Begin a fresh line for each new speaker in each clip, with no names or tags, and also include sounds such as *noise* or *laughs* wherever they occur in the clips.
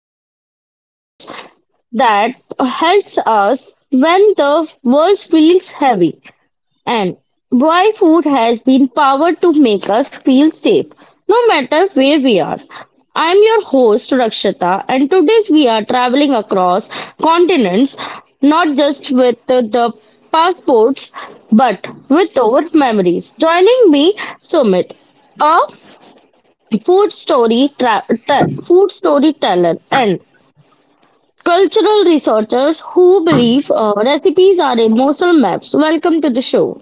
explore the dishes that helps us when the world feels heavy and why food has been powered to make us feel safe no matter where we are. I am your host Rakshita, and today we are traveling across continents, not just with the passports but with our memories. Joining me Sumit, a food storyteller and cultural researchers who believe recipes are emotional maps. Welcome to the show.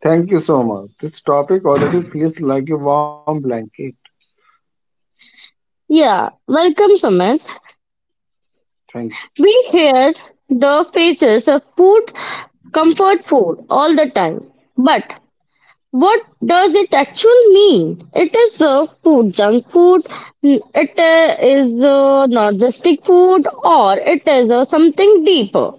Thank you so much. This topic already feels like a warm blanket.
Yeah, welcome, Sumit.
Thank you.
We hear the faces of food, comfort food, all the time, but what does it actually mean? It is food, junk food? It is not the stick food, or it is something deeper?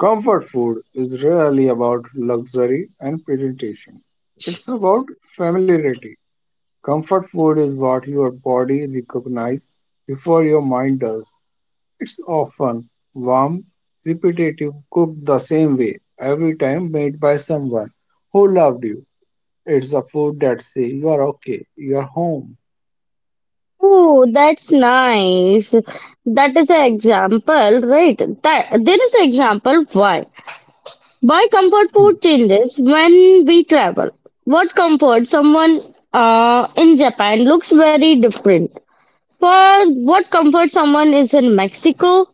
Comfort food is rarely about luxury and presentation. It's about familiarity. Comfort food is what your body recognizes before your mind does. It's often warm, repetitive, cooked the same way every time made by someone who loved you. It's the food that says you are okay, you are home.
Oh, that's nice. That is an example, right? That there is an example why. Why comfort food changes when we travel. What comfort someone in Japan looks very different. For what comfort someone is in Mexico,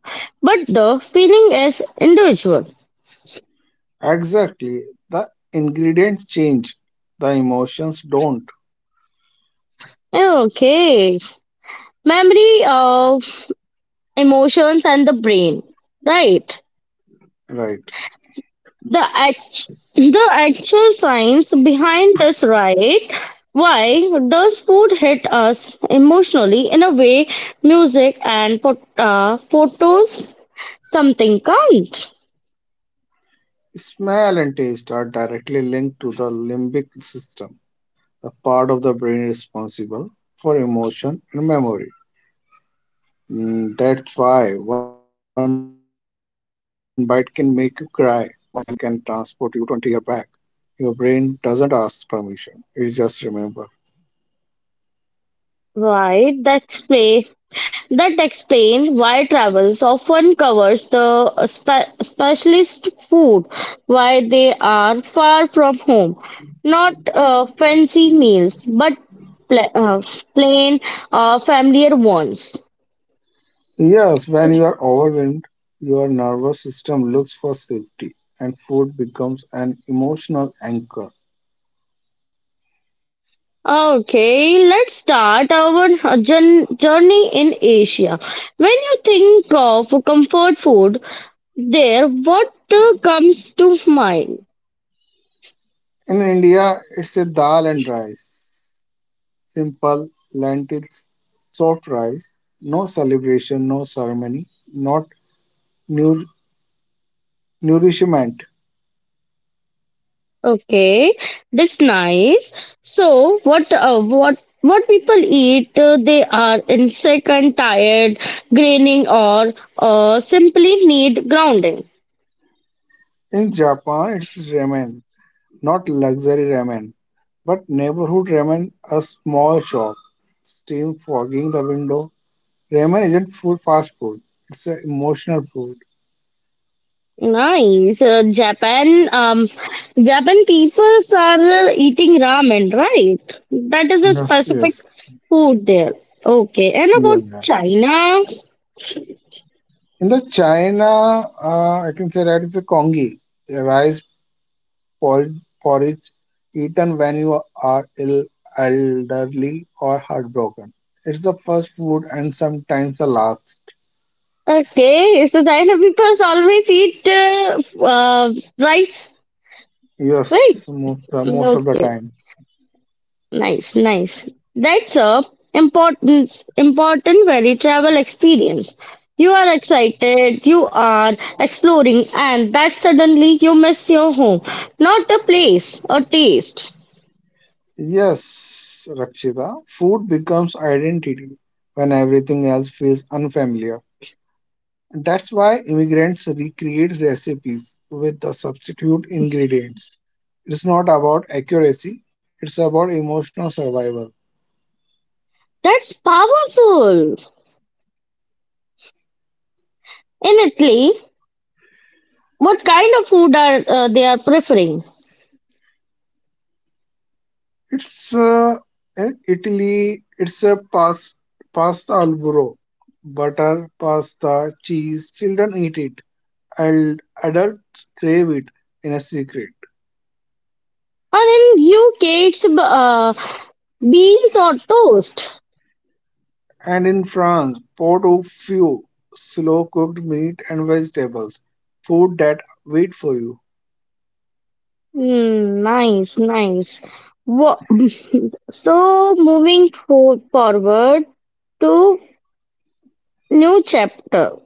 but the feeling is individual.
Exactly. The ingredients change, the emotions don't,
Okay. Memory, emotions and the brain. Right.
right?
the act- the actual science behind this, right? Why does food hit us emotionally in a way music and photos something can't?
Smell and taste are directly linked to the limbic system, the part of the brain responsible for emotion and memory. That's why one bite can make you cry, one smell can transport you 20 years back. Your brain doesn't ask permission, it just remembers.
Right, that explain, that explain why travels often covers the specialist food, why they are far from home, not fancy meals but pla- uh, plain familiar ones.
Yes, when you are overwhelmed, your nervous system looks for safety, and food becomes an emotional anchor.
Okay, let's start our journey in Asia. When you think of comfort food, there what comes to mind?
In India, it's a dal and rice. Simple lentils, soft rice, no celebration, no ceremony, not nour- nourishment.
Okay, that's nice. So, what what people eat? They are insect and tired, graining, or simply need grounding.
In Japan, it's ramen, not luxury ramen, but neighborhood ramen, a small shop, steam fogging the window. Ramen isn't food, fast food. It's an emotional food.
Nice. Japan, Japan people are eating ramen, right? That is a
Yes,
specific food there. Okay. And
you are
about
right.
China,
In the China, I can say that it's a congee, a rice por- porridge eaten when you are ill, elderly, or heartbroken. It's the first food and sometimes the last.
okay. So China people always eat rice, right?
Yes, most of the
Okay.
time.
Nice, nice. That's a important, important very travel experience. You are excited, you are exploring, and that suddenly you miss your home. Not a place, a taste.
Yes, Rakshita, food becomes identity when everything else feels unfamiliar. That's why immigrants recreate recipes with the substitute ingredients. It's not about accuracy, it's about emotional survival.
That's powerful. In Italy, what kind of food are they are preferring?
It's Italy, it's a past, pasta al burro, butter, pasta, cheese. Children eat it, and adults crave it in a secret.
And in UK, it's beans or toast.
And in France, pot au feu, slow cooked meat and vegetables, food that wait for you.
Hmm, nice, nice. What? So moving forward to new chapter.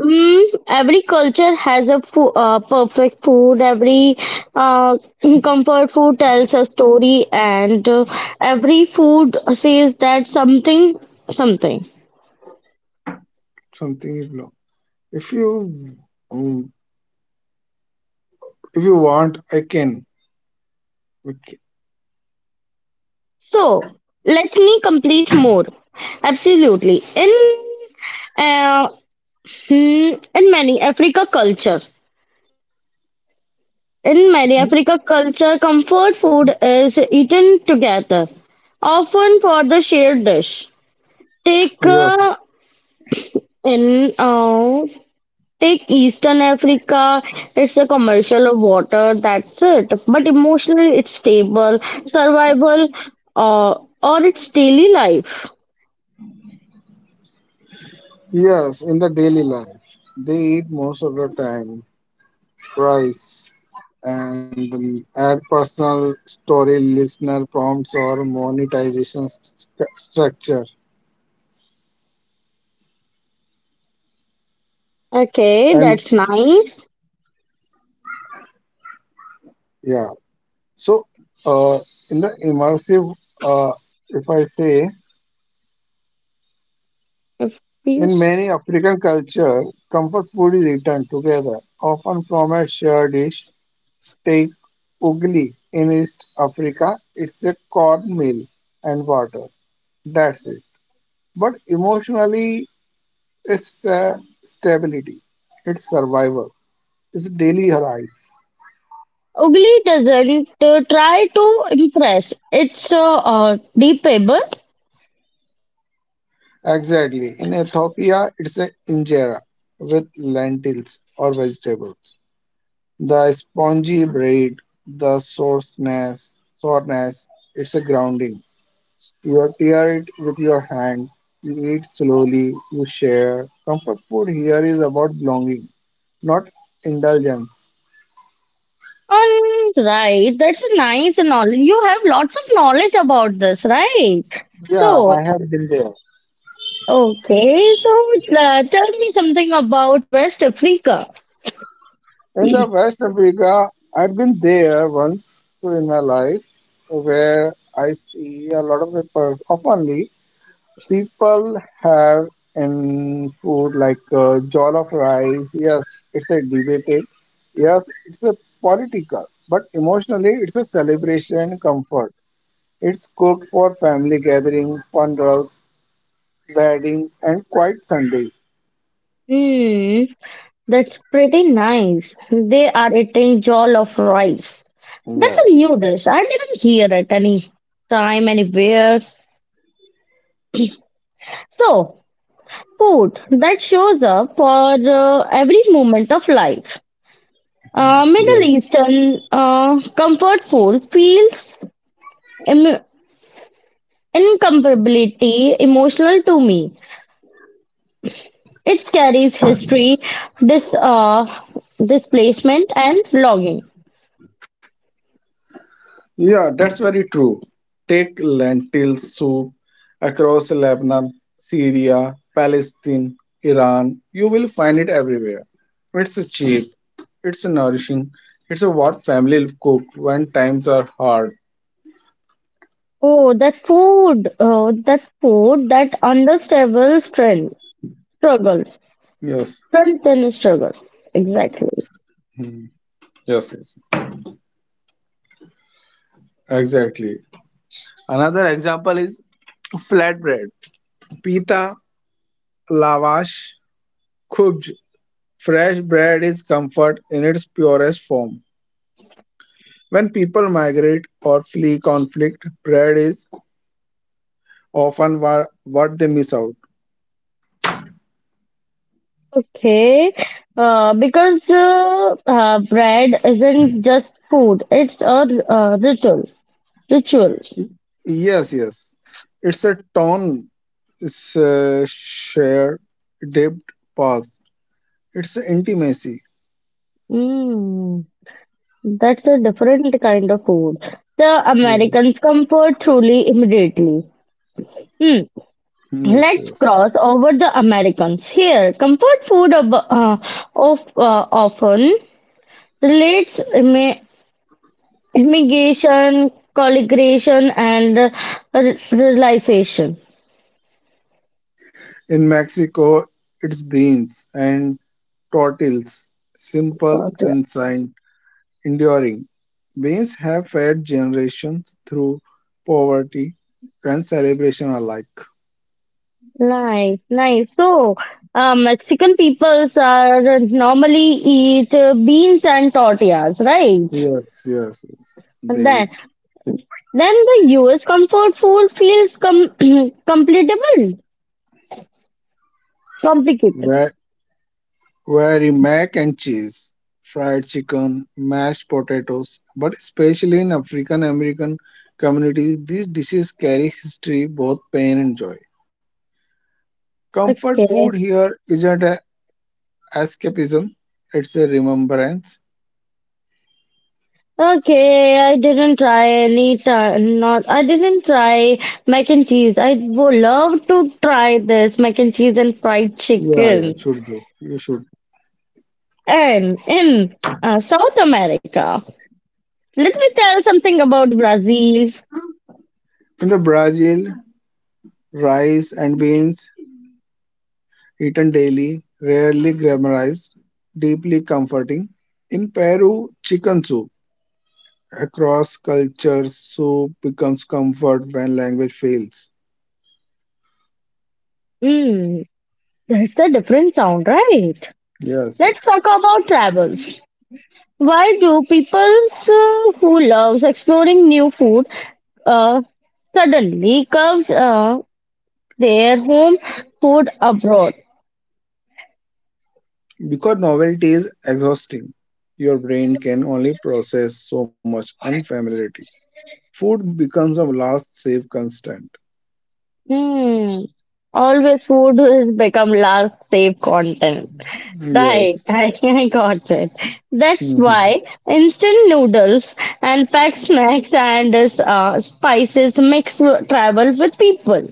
Mm, every culture has a perfect food. Every uh, *clears throat* comfort food tells a story, and every food says that something, something.
Something is low. If you um, if you want, I can. We ca-
So let me complete more. Absolutely, in uh, hmm, in many Africa culture. In many African culture, comfort food is eaten together, often for the shared dish. Take
Yeah,
in take Eastern Africa, it's a commercial of water. That's it. But emotionally, it's stable survival, uh, or its daily life.
yes, in the daily life, they eat most of the time rice and add personal story, listener prompts, or monetization structure.
Okay,
And
that's nice.
yeah, so uh, in the immersive, uh, if I say,
If you
in
s-
many African culture, comfort food is eaten together, often from a shared dish. Take Ugly in East Africa, it's a corn meal and water. That's it. But emotionally, it's stability, it's survival, it's daily life.
Ugly doesn't try to impress. It's deep able.
Exactly. In Ethiopia, it's an injera with lentils or vegetables. The spongy bread, the sourness, it's a grounding. You tear it with your hand. You eat slowly. You share. Comfort food here is about belonging, not indulgence.
Right. That's a nice knowledge. You have lots of knowledge about this, right?
Yeah,
So,
I have been there.
okay. So, tell me something about West Africa.
In the
*clears throat*
West Africa, I'd been there once in my life where I see a lot of people, oftenly, people have in food like jollof rice. Yes, it's a debated. Yes, it's a political, but emotionally, it's a celebration and comfort. It's cooked for family gatherings, funerals, weddings, and quiet Sundays.
Hmm, that's pretty nice. They are eating jollof of rice. That's a
Yes.
new dish. I didn't hear it any time, anywhere. So, food that shows up for every moment of life. Middle
Yeah.
Eastern comfort food feels Im- incomparably emotional to me. It carries history, dis- uh, displacement, and longing.
Yeah, that's very true. Take lentil soup across Lebanon, Syria, Palestine, Iran. You will find it everywhere. It's cheap, it's nourishing, it's what family cook when times are hard.
Oh, that food! Oh, that food! That understable strength, struggle,
Yes.
strength and struggle. Exactly.
Hmm. Yes, exactly. Another example is flatbread, pita, lavash, khubj, fresh bread is comfort in its purest form. When people migrate or flee conflict, bread is often what they miss out.
Okay. Because bread isn't just food; it's a ritual. Ritual.
Yes. It's a torn, it's a shared, dipped past. It's intimacy.
Mm, that's a different kind of food. The
Yes,
Americans comfort truly immediately. Hmm.
yes,
Let's
yes.
cross over the Americans here. Comfort food of often relates immigration, colligration, and realization.
In Mexico, it's beans and tortillas, simple
Oh, dear.
and enduring. Beans have fed generations through poverty and celebration alike.
Nice, nice. So, Mexican peoples are normally eat beans and tortillas, right?
Yes.
And
They eat
then the US comfort food feels *clears throat* completable, complicated.
ve- very mac and cheese, fried chicken, mashed potatoes, but especially in African American communities, these dishes carry history, both pain and joy. Comfort
Okay,
food here isn't a escapism, it's a remembrance.
okay. I didn't try any time. Not I didn't try mac and cheese. I would love to try this mac and cheese and fried
Yeah,
chicken.
should go. You should.
And in South America, let me tell something about Brazil.
In the Brazil, rice and beans eaten daily, rarely glamorized, deeply comforting. In Peru, chicken soup. Across cultures, soup becomes comfort when language fails.
Mm, that's a different sound, right?
Yes,
Let's
yes.
talk about travels. Why do people who loves exploring new food uh, suddenly curves their home food abroad?
Because novelty is exhausting, your brain can only process so much unfamiliarity. Food becomes a last safe constant.
Hmm. Always food has become last safe content. Right,
Yes.
*laughs* I got it. That's
Mhm.
why instant noodles and packed snacks and spices mix travel with people.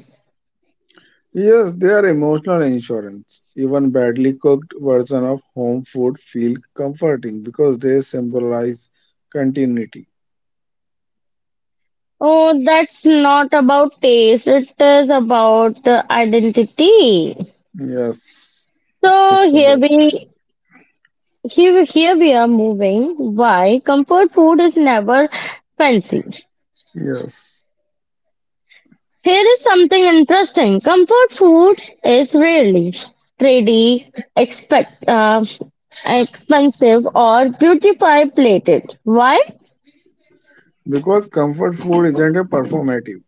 Yes, they are emotional insurance. Even badly cooked version of home food feel comforting because they symbolize continuity.
Oh, that's not about taste. It is about identity.
Yes,
So
it's about
here, here we are moving. Why comfort food is never fancy.
yes.
Here is something interesting. Comfort food is rarely trendy, expect expensive, or beautify plated. Why?
Because comfort food isn't a performative.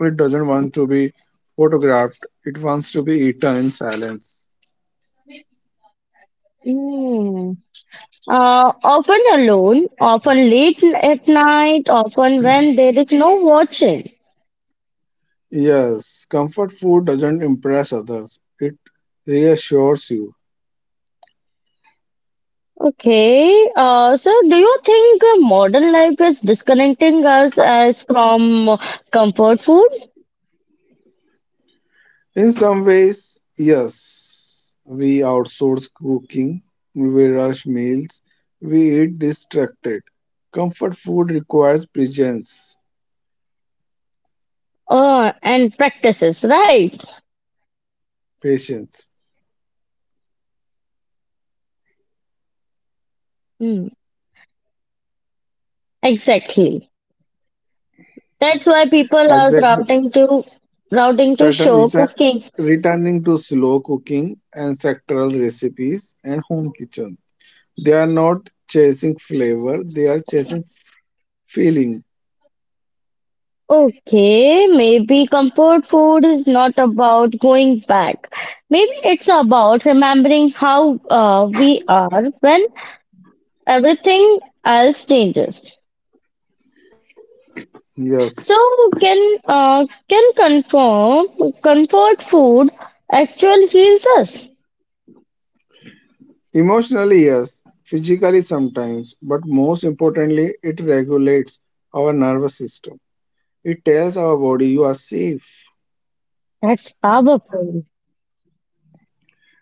It doesn't want to be photographed. It wants to be eaten in silence.
Mm. Often alone, often late at night, often when there is no watching.
Yes, comfort food doesn't impress others. It reassures you.
Okay, so do you think modern life is disconnecting us as from comfort food
In some ways, yes. We outsource cooking, we rush meals, we eat distracted. Comfort food requires presence,
and practices, right?
patience,
Hmm, exactly. That's why people are
exact
routing to routing to
pattern,
show
return,
cooking.
returning to slow cooking, ancestral recipes, and home kitchen. They are not chasing flavor, they are chasing feeling.
Okay, maybe comfort food is not about going back. Maybe it's about remembering how we are when everything else changes.
Yes.
So can confirm comfort food actually heals us?
Emotionally, yes. Physically, sometimes. But most importantly, it regulates our nervous system. It tells our body you are safe.
That's powerful.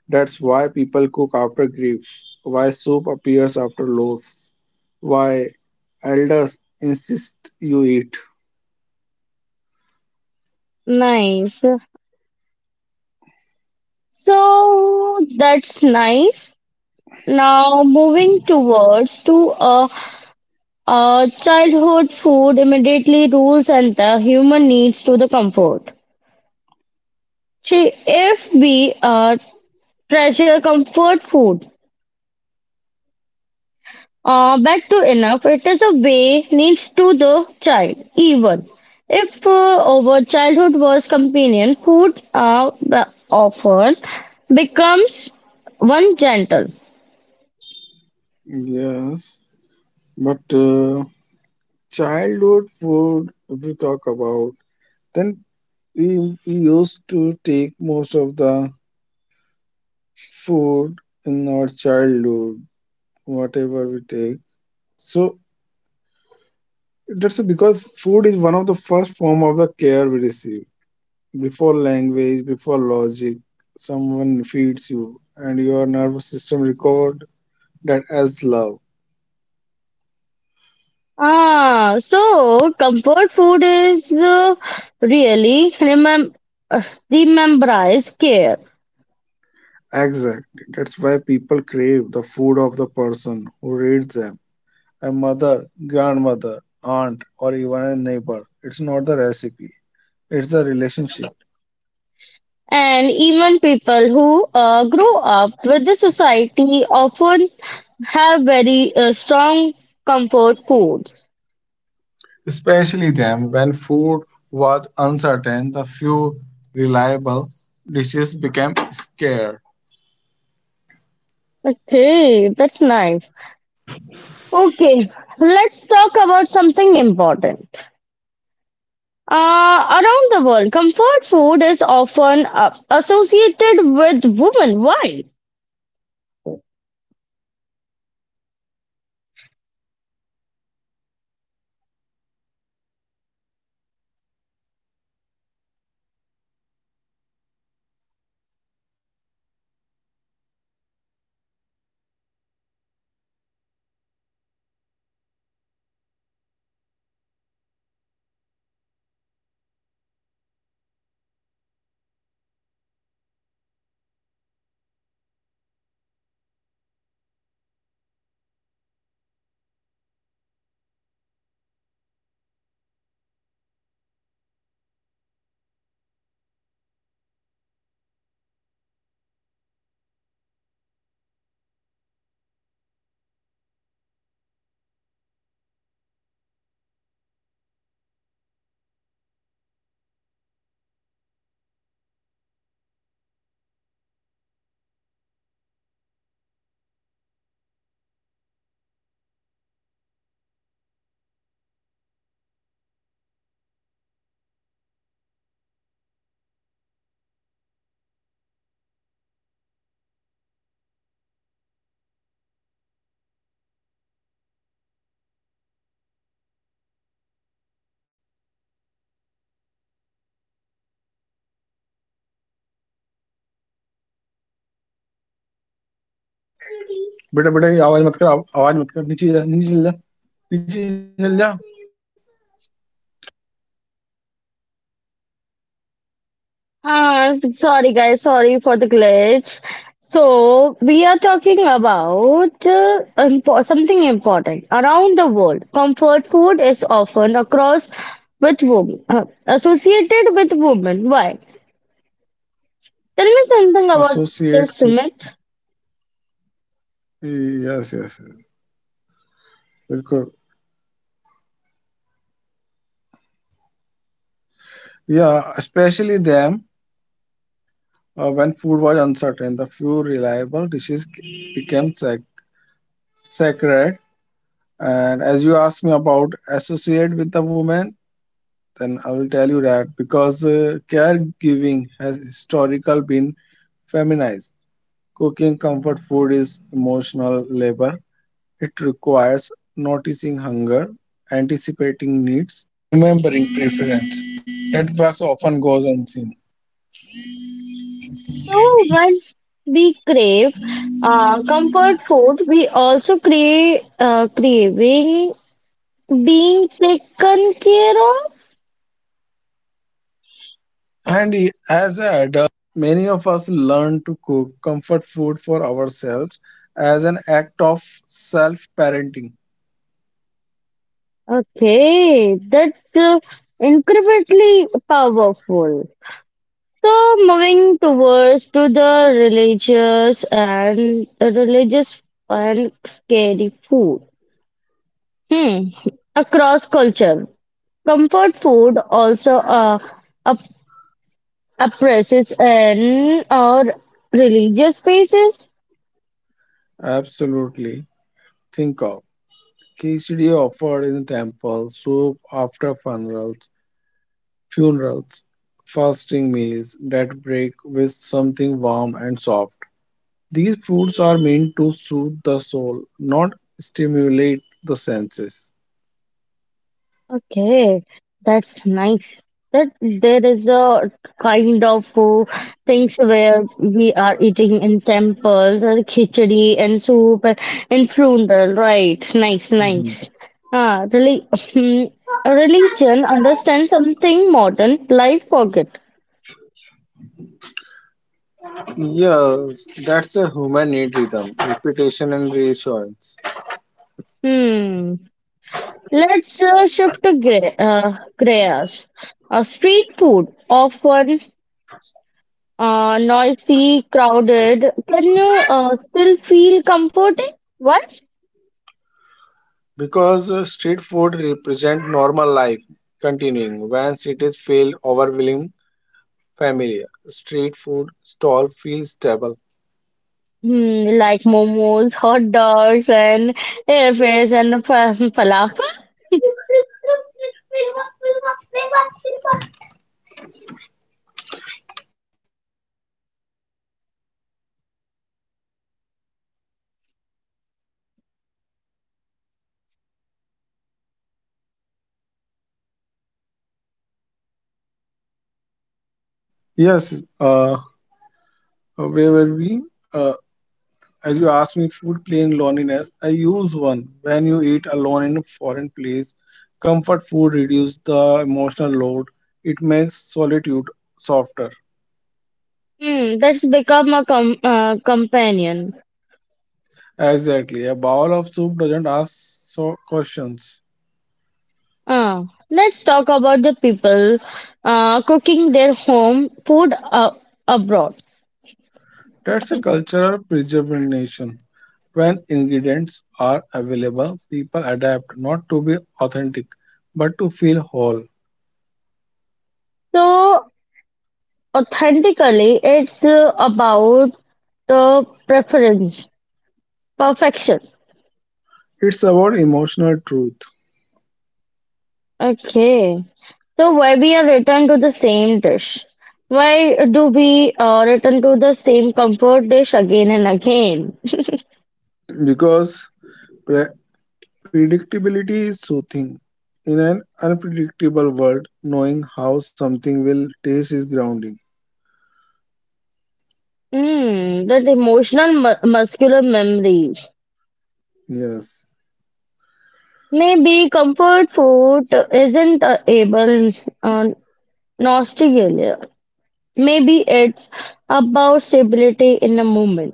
That's why people cook after grief, why soup appears after loss, why elders insist you eat.
Nice. So that's nice. Now moving towards to childhood food immediately rules and the human needs to the comfort. See, if we treasure comfort food. Back to enough, it is a way needs to the child, even if our childhood was companion, food the often becomes one gentle.
Yes. But childhood food, if we talk about, then we, we used to take most of the food in our childhood, whatever we take. So that's because food is one of the first form of the care we receive. Before language, before logic, someone feeds you, and your nervous system record that as love.
Ah, so comfort food is really uh, remembrance care.
Exactly. That's why people crave the food of the person who reads them. A mother, grandmother, aunt, or even a neighbor. It's not the recipe. It's the relationship.
And even people who grow up with the society often have very strong comfort foods.
Especially them, when food was uncertain, the few reliable dishes became scarce.
Okay, that's nice. Okay, let's talk about something important. Around the world, comfort food is often associated with women. Why? Sorry, guys, sorry for the glitch. So, we are
Yes, yes.
talking about something important. Around the world, comfort food is often across with women, associated with women. Why? Tell me something about
Associate
this,
with
Sumit.
yes, yes, yes. Bilkul. Yeah, especially them when food was uncertain, the few reliable dishes became sacred. And as you asked me about associate with the woman, then I will tell you that because caregiving has historical been feminized. Cooking comfort food is emotional labor. It requires
So once we crave comfort food, we also crave craving being taken care of.
as an act of self parenting.
Okay, that's incredibly powerful. So moving towards to the religious and religious and scary food. Hmm. Across culture, comfort food also oppresses in our religious spaces.
Absolutely. Think of khichdi offered in temple, soup after funerals, funerals, fasting meals that break with something warm and soft. These foods are meant to soothe the soul, not stimulate the senses.
Okay, that's nice. That there is a kind of things where we are eating in temples or khichdi and soup and funeral, right? Nice,
Mhm.
nice. Ah, really, *laughs* religion understands something modern life forget.
Yes, that's a human need rhythm, repetition and reassurance.
Hmm. Let's shift to grayas. Street food often noisy, crowded, can you still feel comforting? What?
Because street food represent normal life continuing when cities feel overwhelming familiar street food stall feels stable.
Hmm, like momos, hot dogs, and airfares and falafel?
Yes, where were we? Uh, as you asked me, food plain loneliness. I use one when you eat alone in a foreign place. Comfort food reduces the emotional load. It makes solitude softer.
Hmm, that's become a companion.
Exactly. A bowl of soup doesn't ask so questions.
Uh, let's talk about the people cooking their home food abroad.
That's a cultural preservation. When ingredients are available, people adapt not to be authentic, but to feel whole.
So, authentically, it's about preference, perfection.
It's about emotional truth
Okay. So why we are returned to the same dish? Why do we return to the same comfort dish again and again?
because pre- predictability is soothing. In an unpredictable world, knowing how something will taste is grounding.
Hmm, that emotional muscular memory.
Yes,
Maybe comfort food isn't able uh, nostalgia. Maybe it's about stability in a moment.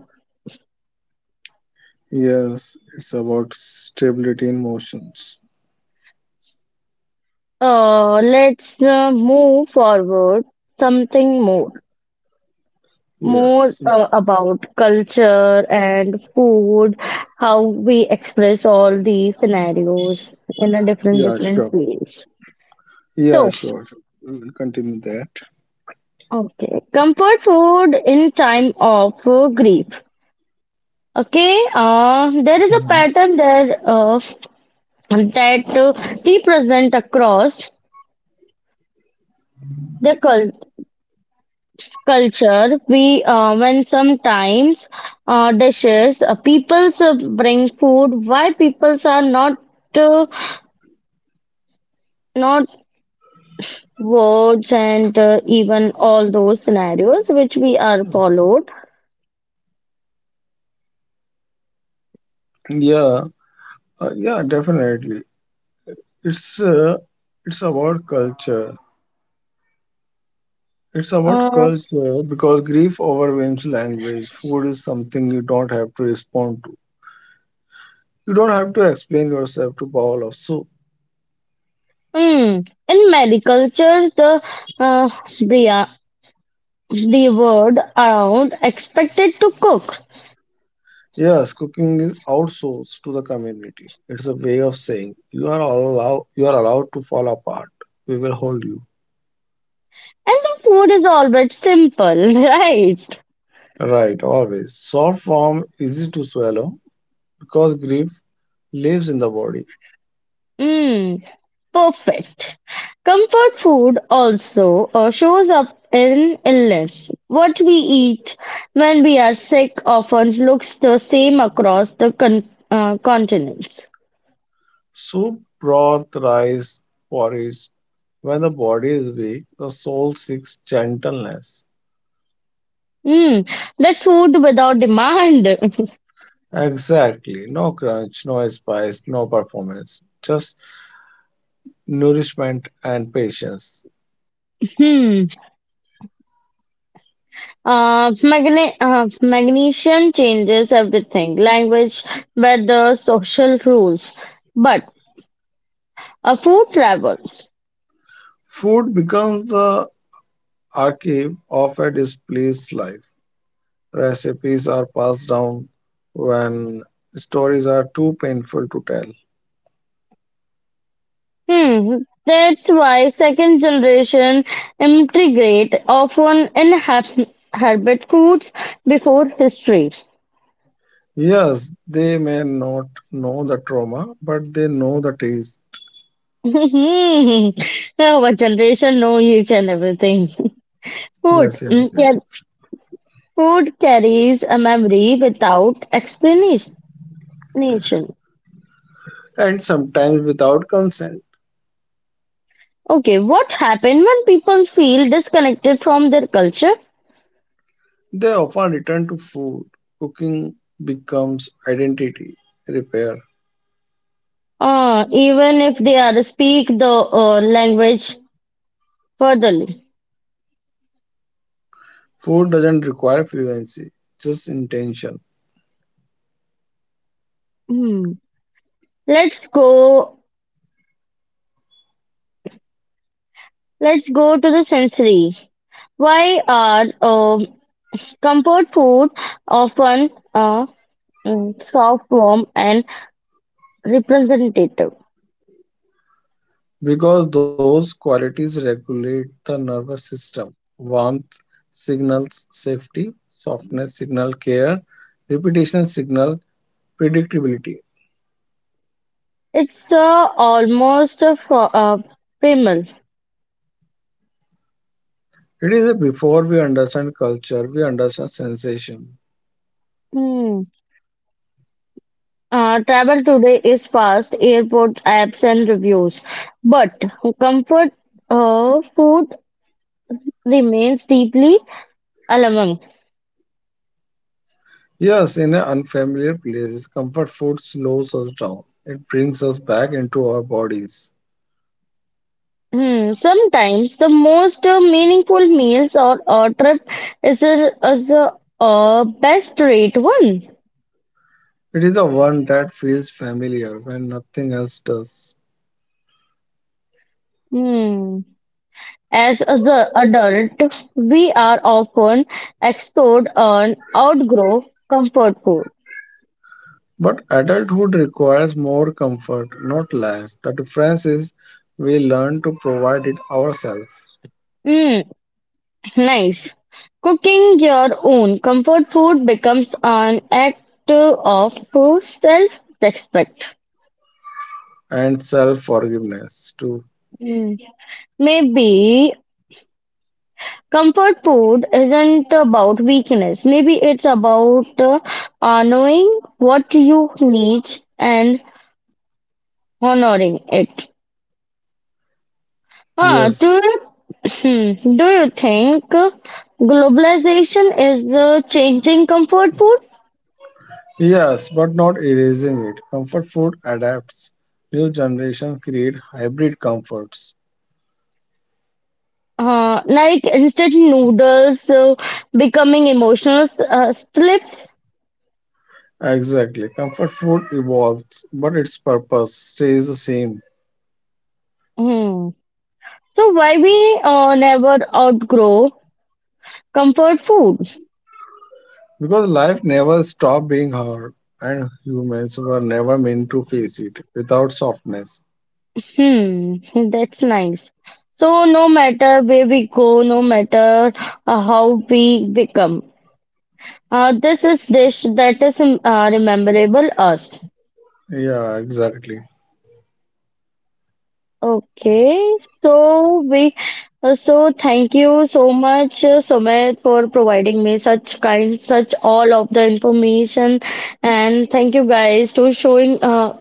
yes, it's about stability in motions.
Let's move forward something more. More
Yes,
about culture and food, how we express all these scenarios in a different
yeah,
different
sure.
ways.
Yeah,
So,
sure, sure. We'll continue that.
okay, comfort food in time of grief. Okay, there is a pattern there that we present across the culture. We when sometimes dishes, peoples bring food. Why peoples are uh, not words and even all those scenarios which we are followed.
Yeah, yeah, definitely. It's uh, it's about culture. It's about
Uh,
culture because grief overwhelms language. Food is something you don't have to respond to. You don't have to explain yourself to bowl of soup.
hmm. In many cultures, the uh, bria- the word around expected to cook,
Yes, cooking is outsourced to the community. It's a way of saying you are all allowed. You are allowed to fall apart. We will hold you.
and the food is always simple, *laughs* right?
Right, always. Soft form, easy to swallow because grief lives in the body.
Hmm. Perfect. Comfort food also shows up in illness. What we eat when we are sick often looks the same across the continents.
Soup, broth, rice, porridge. When the body is weak, the soul seeks gentleness.
Hmm, that's food without demand. *laughs*
Exactly. No crunch, no spice, no performance. Just nourishment and patience.
Hmm. Magnesium changes everything language, weather, social rules. But a food travels.
Food becomes the archive of a displeased life. Recipes are passed down when stories are too painful to tell.
Hmm. That's why second generation immigrate often inhabit foods before history.
Yes, they may not know the trauma, but they know the taste.
*laughs* Hmm. Our generation know each and everything. *laughs* Food.
Yes, yes,
Hmm. Yeah,
yes.
food carries a memory without explanation.
And sometimes without consent.
Okay, what happens when people feel disconnected from their culture,
They often return to food. Cooking becomes identity repair.
even if they are speak the language furtherly?
Food doesn't require fluency, just intention,
Hmm. Let's go. Let's go to the sensory. Why are comfort food often mm, soft, warm, and representative?
because those qualities regulate the nervous system. Warmth signals safety, softness signal care, repetition signal predictability.
It's almost a, primal.
It is before we understand culture, we understand sensation.
Hmm. Travel today is fast, airport apps and reviews, but comfort food remains deeply alarming.
Yes, in an unfamiliar place, comfort food slows us down. It brings us back into our bodies.
Hmm, sometimes the most meaningful meals or a trip is a best rate one.
It is the one that feels familiar when nothing else does.
Hmm. As the adult, we are often exposed on outgrow comfort food.
But adulthood requires more comfort, not less. The difference is we learn to provide it ourselves
Hmm. Nice. Cooking your own comfort food becomes an act of self-respect.
and self forgiveness too.
Mm. Maybe comfort food isn't about weakness. Maybe it's about knowing what you need and honoring it. Ah, do,
Yes.
you, *clears throat* do you think globalization is changing comfort food?
Yes, but not erasing it. Comfort food adapts. New generation create hybrid comforts.
Like instant noodles becoming emotional slips.
Exactly. Comfort food evolves, but its purpose stays the same.
Hmm. So why we never outgrow comfort food?
Because life never stopped being hard, and humans were never meant to face it without softness.
Hmm, that's nice. So no matter where we go, no matter how we become, this is dish that is rememberable us.
Yeah, exactly.
Okay, so we so thank you so much, Sumit, for providing me such kind, such all of the information, and thank you guys to showing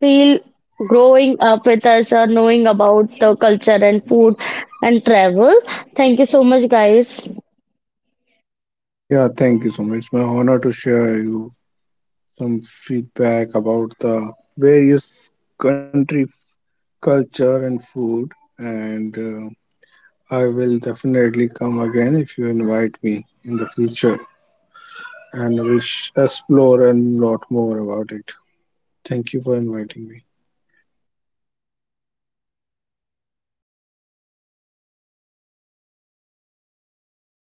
feel growing up with us, knowing about the culture and food and travel. Thank you so much, guys.
Yeah, thank you so much. It's my honor to share you some feedback about the various country culture and food, and I will definitely come again if you invite me in the future, and we'll explore a lot more about it. Thank you for inviting me. Yeah, thank you. Vish-